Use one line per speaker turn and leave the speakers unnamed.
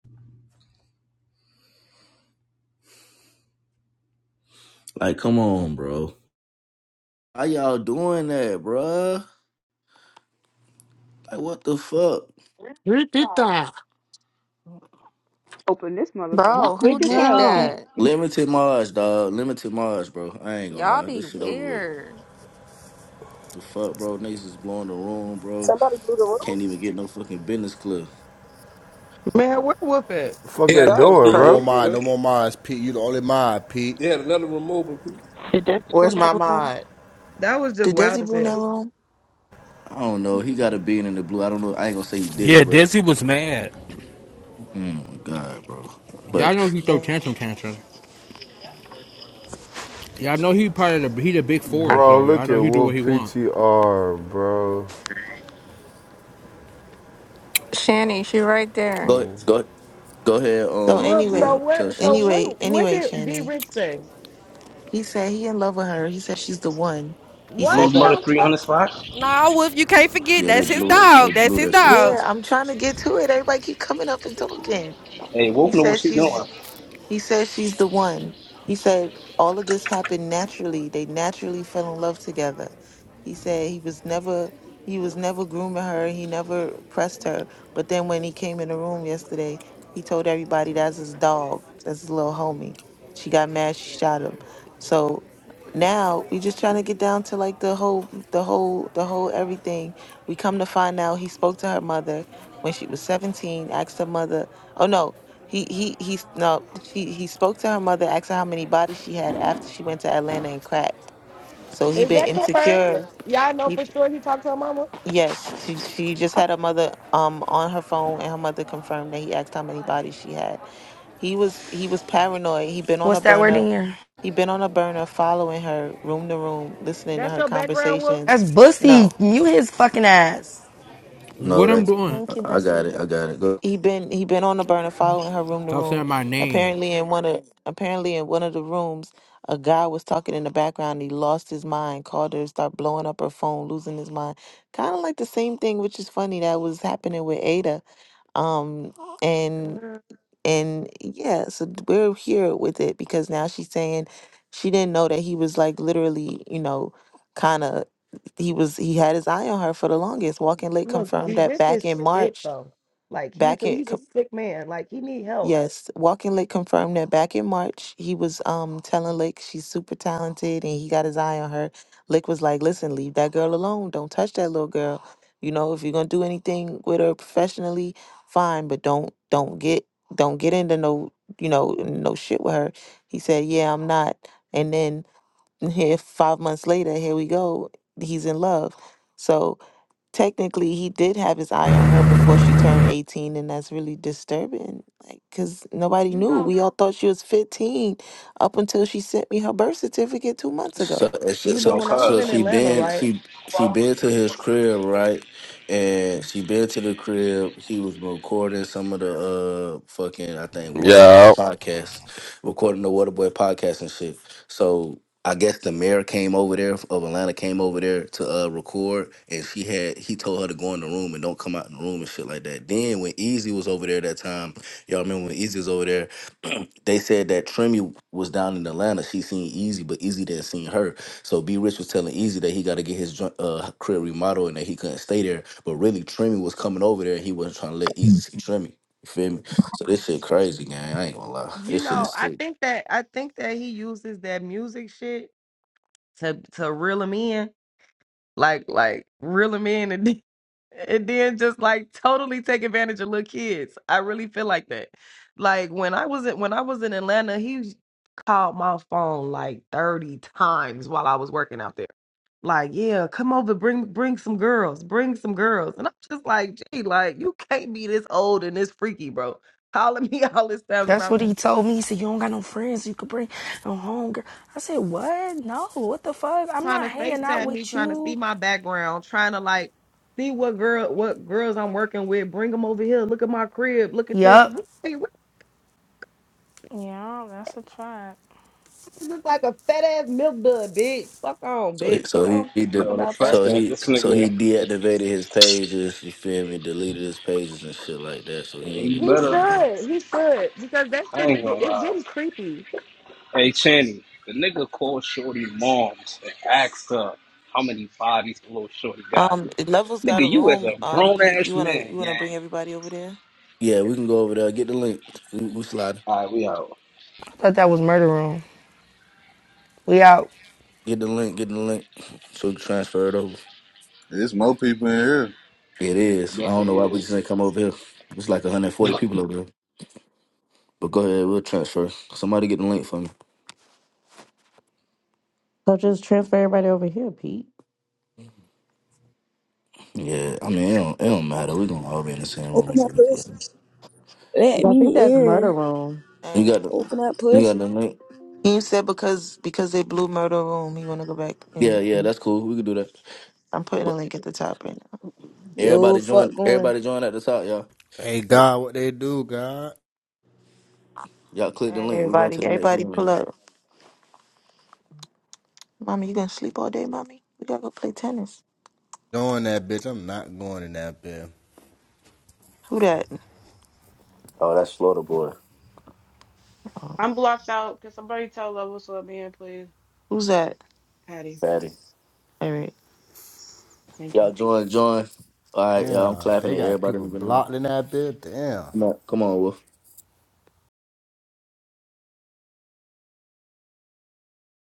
Like, come on, bro. How y'all doing that, bruh? Like, what the fuck?
Who did that?
Open this motherfucker
What
Bro,
the
quick
who
as
did
hell,
hell?
Pete.
that?
Limited Mars, dog. Limited Mars, bro. I ain't gonna
Y'all
lie.
be
This shit over with.
weird.
The fuck, bro? Niggas is blowing the room, bro.
Somebody blew the
Can't
roof?
even get no fucking business club.
Man, where Whoop at?
The fuck
They
they
had
That
another
was
doing,
No
room
more
bro?
open,
crazy.
mine.
sir.
No more mines, Pete. You the only mine, Pete.
They had another room open.
Did Desi go in
Where's my
that room?
mod?
That was just
Did
wild
Desi
as
go in that
hell.
room?
I don't know. He got a bean in the blue. I don't know. I ain't gonna say he did
Yeah,
it, but
Desi was mad.
oh my god, bro.
Y'all
But
know he throw
Man.
tantrum tantrum. Y'all know he part of the he the big four,
Bro,
so y'all
look
know
at
he do
Wolf
what he want.
PTR, bro.
Shanny, she right there.
go go go ahead.
So
Um,
Whoop,
Ru,
so
anyway,
tell
what so
Shannon.
anyway,
what what
anyway,
did D
Channy.
Rich say?
He said he in love with her. He said she's the one. He said
Blues
What
Murder
that.
the fuck?
300 spot.
Nah, Wolf, you can't forget
Yeah, they
that's his
blew it. They
dog. That's
blew
his
that shit.
dog.
Yeah, I'm trying to get to it. Everybody keep coming up and talking.
Hey,
He
Wolf know what
said
she
she's
doing.
He says she's the one. He said all of this happened naturally. They naturally fell in love together. He said he was never he was never grooming her. He never pressed her. But then when he came in the room yesterday, he told everybody that's his dog. That's his little homie. She got mad. She shot him. So now we just trying to get down to like the whole the whole the whole everything. We come to find out he spoke to her mother when she was 17. Asked her mother. Oh no. He he he no she he spoke to her mother, asked her how many bodies she had after she went to Atlanta and cracked. So he
Is
been
that confirmed?
insecure.
Y'all know
He,
for sure he talked to her mama?
yes, she, she just had her mother um on her phone and her mother confirmed that he asked how many bodies she had. He was he was paranoid. He been on a
What's that word
burner.
in here?
He been on a burner following her room to room, listening to
That's
her
your background, Whoop?
conversations.
That's
No.
Bussy. Mute his fucking ass.
No,
What I'm
that
doing?
Thank you,
I I got it.
Bussy.
I got it. Go
He been he been on the burner following her room to
Stop
room.
saying my name.
Apparently in one of apparently in one of the rooms, a guy was talking in the background. He lost his mind, called her, start blowing up her phone, losing his mind. Kind of like the same thing, which is funny that was happening with Ada. Um and
Uh,
and yeah, so we're here with it because now she's saying she didn't know that he was like literally, you know, kind of he was he had his eye on her for the longest. Walking late
Look,
confirmed
D
that
Rich
back in
is sick
March
though. Like he's
back
a
in
he's a sick man. Like he need help.
Yes, Walking Lick confirmed that back in March, he was um telling Lick she's super talented and he got his eye on her. Lick was like, "Listen, leave that girl alone. Don't touch that little girl. You know, if you're gonna do anything with her professionally, fine, but don't don't get don't get into no you know no shit with her." He said, "Yeah, I'm not." And then here, five months later, here we go. He's in love. So technically he did have his eye on her before she turned 18 and that's really disturbing like because nobody
You
knew
know,
we all thought she was 15 up until she sent me her birth certificate two months ago
So, so,
you
so
know,
Yo,
when I was
cuz.
so
in
she
Atlanta,
been
right?
she she been to his crib, right? And she been to the crib. He was recording some of the uh fucking I think Waterboy Yes.
Yeah,
podcast, recording the Waterboy podcast and shit. So I guess the mayor came over there of Atlanta came over there to uh record, and she had he told her to go in the room and don't come out in the room and shit like that. Then when Easy was over there that time, y'all remember when Easy was over there? they said that Trimmy was down in Atlanta. She seen Easy, but Easy didn't seen her. So B Rich was telling Easy that he got to get his joint- uh, crib remodeled and that he couldn't stay there. But really, Trimmy was coming over there. and He wasn't trying to let
Hmm.
Easy see Trimmy. You feel me? So this shit crazy, gang. I ain't gonna lie.
You
This shit
know,
is
I
sick.
think that I think that he uses that music shit to to reel him in like like reel them in and then- and then just like totally take advantage of little kids. I really feel like that. Like when I was in when I was in Atlanta, he called my phone like thirty times while I was working out there. Like, yeah, come over, bring bring some girls, bring some girls, and I'm just like, gee, like you can't be this old and this freaky, bro. Calling me all this times
That's
about
what he told me. He said, You don't got no friends you could bring no home, girl. I said, What? No, what the fuck? I'm
trying
not
to
hanging out
FaceTime me,
with
trying to see
you.
my background, trying to like see what girl, what girls I'm working with. Bring them over here. Look at my crib. Look at this.
Yup.
We
Yeah, that's a fact.
we look like a fat ass milk dud, bitch. Fuck on,
So he,
bitch. We
so he,
don't
he
give a
did.
fuck
Yo, the
about that.
fact
So
that
he
this
so he
nigga, if
deactivated his pages, you feel me, deleted his pages and shit like that. So he ain't
he
even
He
better,
been
should. He should because that
I
shit is
ain't
get,
gonna
it's
lie.
getting creepy.
Hey, Channy, the nigga called Shorty moms and asked her how many bodies little Shorty got.
um level's got a
Nigga, you as
room
a
um
grown
pete
ass
you want to
man,
you want to
gang.
bring everybody over there
Yeah, we can go over there, get the link. We, we slide.
Alright, we out.
I thought that was murder room. We out.
Get the link, get the link. So we can transfer it over.
There's more people in here.
It is. I don't know
Definitely
why we
is.
just ain't come over here. It's like 140 people over there. But go ahead, we'll transfer. Somebody get the link for me.
So just transfer everybody over here, Pete.
Yeah, I mean, it don't, it don't matter. We're going to all be in the same room.
Open that
Again.
pussy.
'Cause
Let
I think
me
that's murder
in.
room.
You
all
got
right
the
Open that
you got
pussy.
the link?
he said because because they blew murder room he want to go back
Yeah,
and,
yeah,
and
that's cool. We can do that.
i'm putting a
But
link at the top right now
Yo,
everybody join
fuck going.
Everybody join at the top, y'all.
Hey,
That-
God, what they do, God?
Y'all click
all
the
right
link. We're going
everybody
to the next
everybody
room.
pull
y'all.
up mommy you gonna sleep all day mommy we gotta go play tennis
Doing that, bitch. I'm not going in that bitch.
who that
Oh, that's Florida boy.
oh,
I'm blocked out. Can somebody tell Level Sub Man, please?
who's that
Patty,
Patty.
all right
thank you.
Y'all join, join. All right, y'all. I'm
Damn,
clapping
they
at
got
everybody in
people
the room.
blocked in that bitch. Damn.
Come on, come on, Wolf.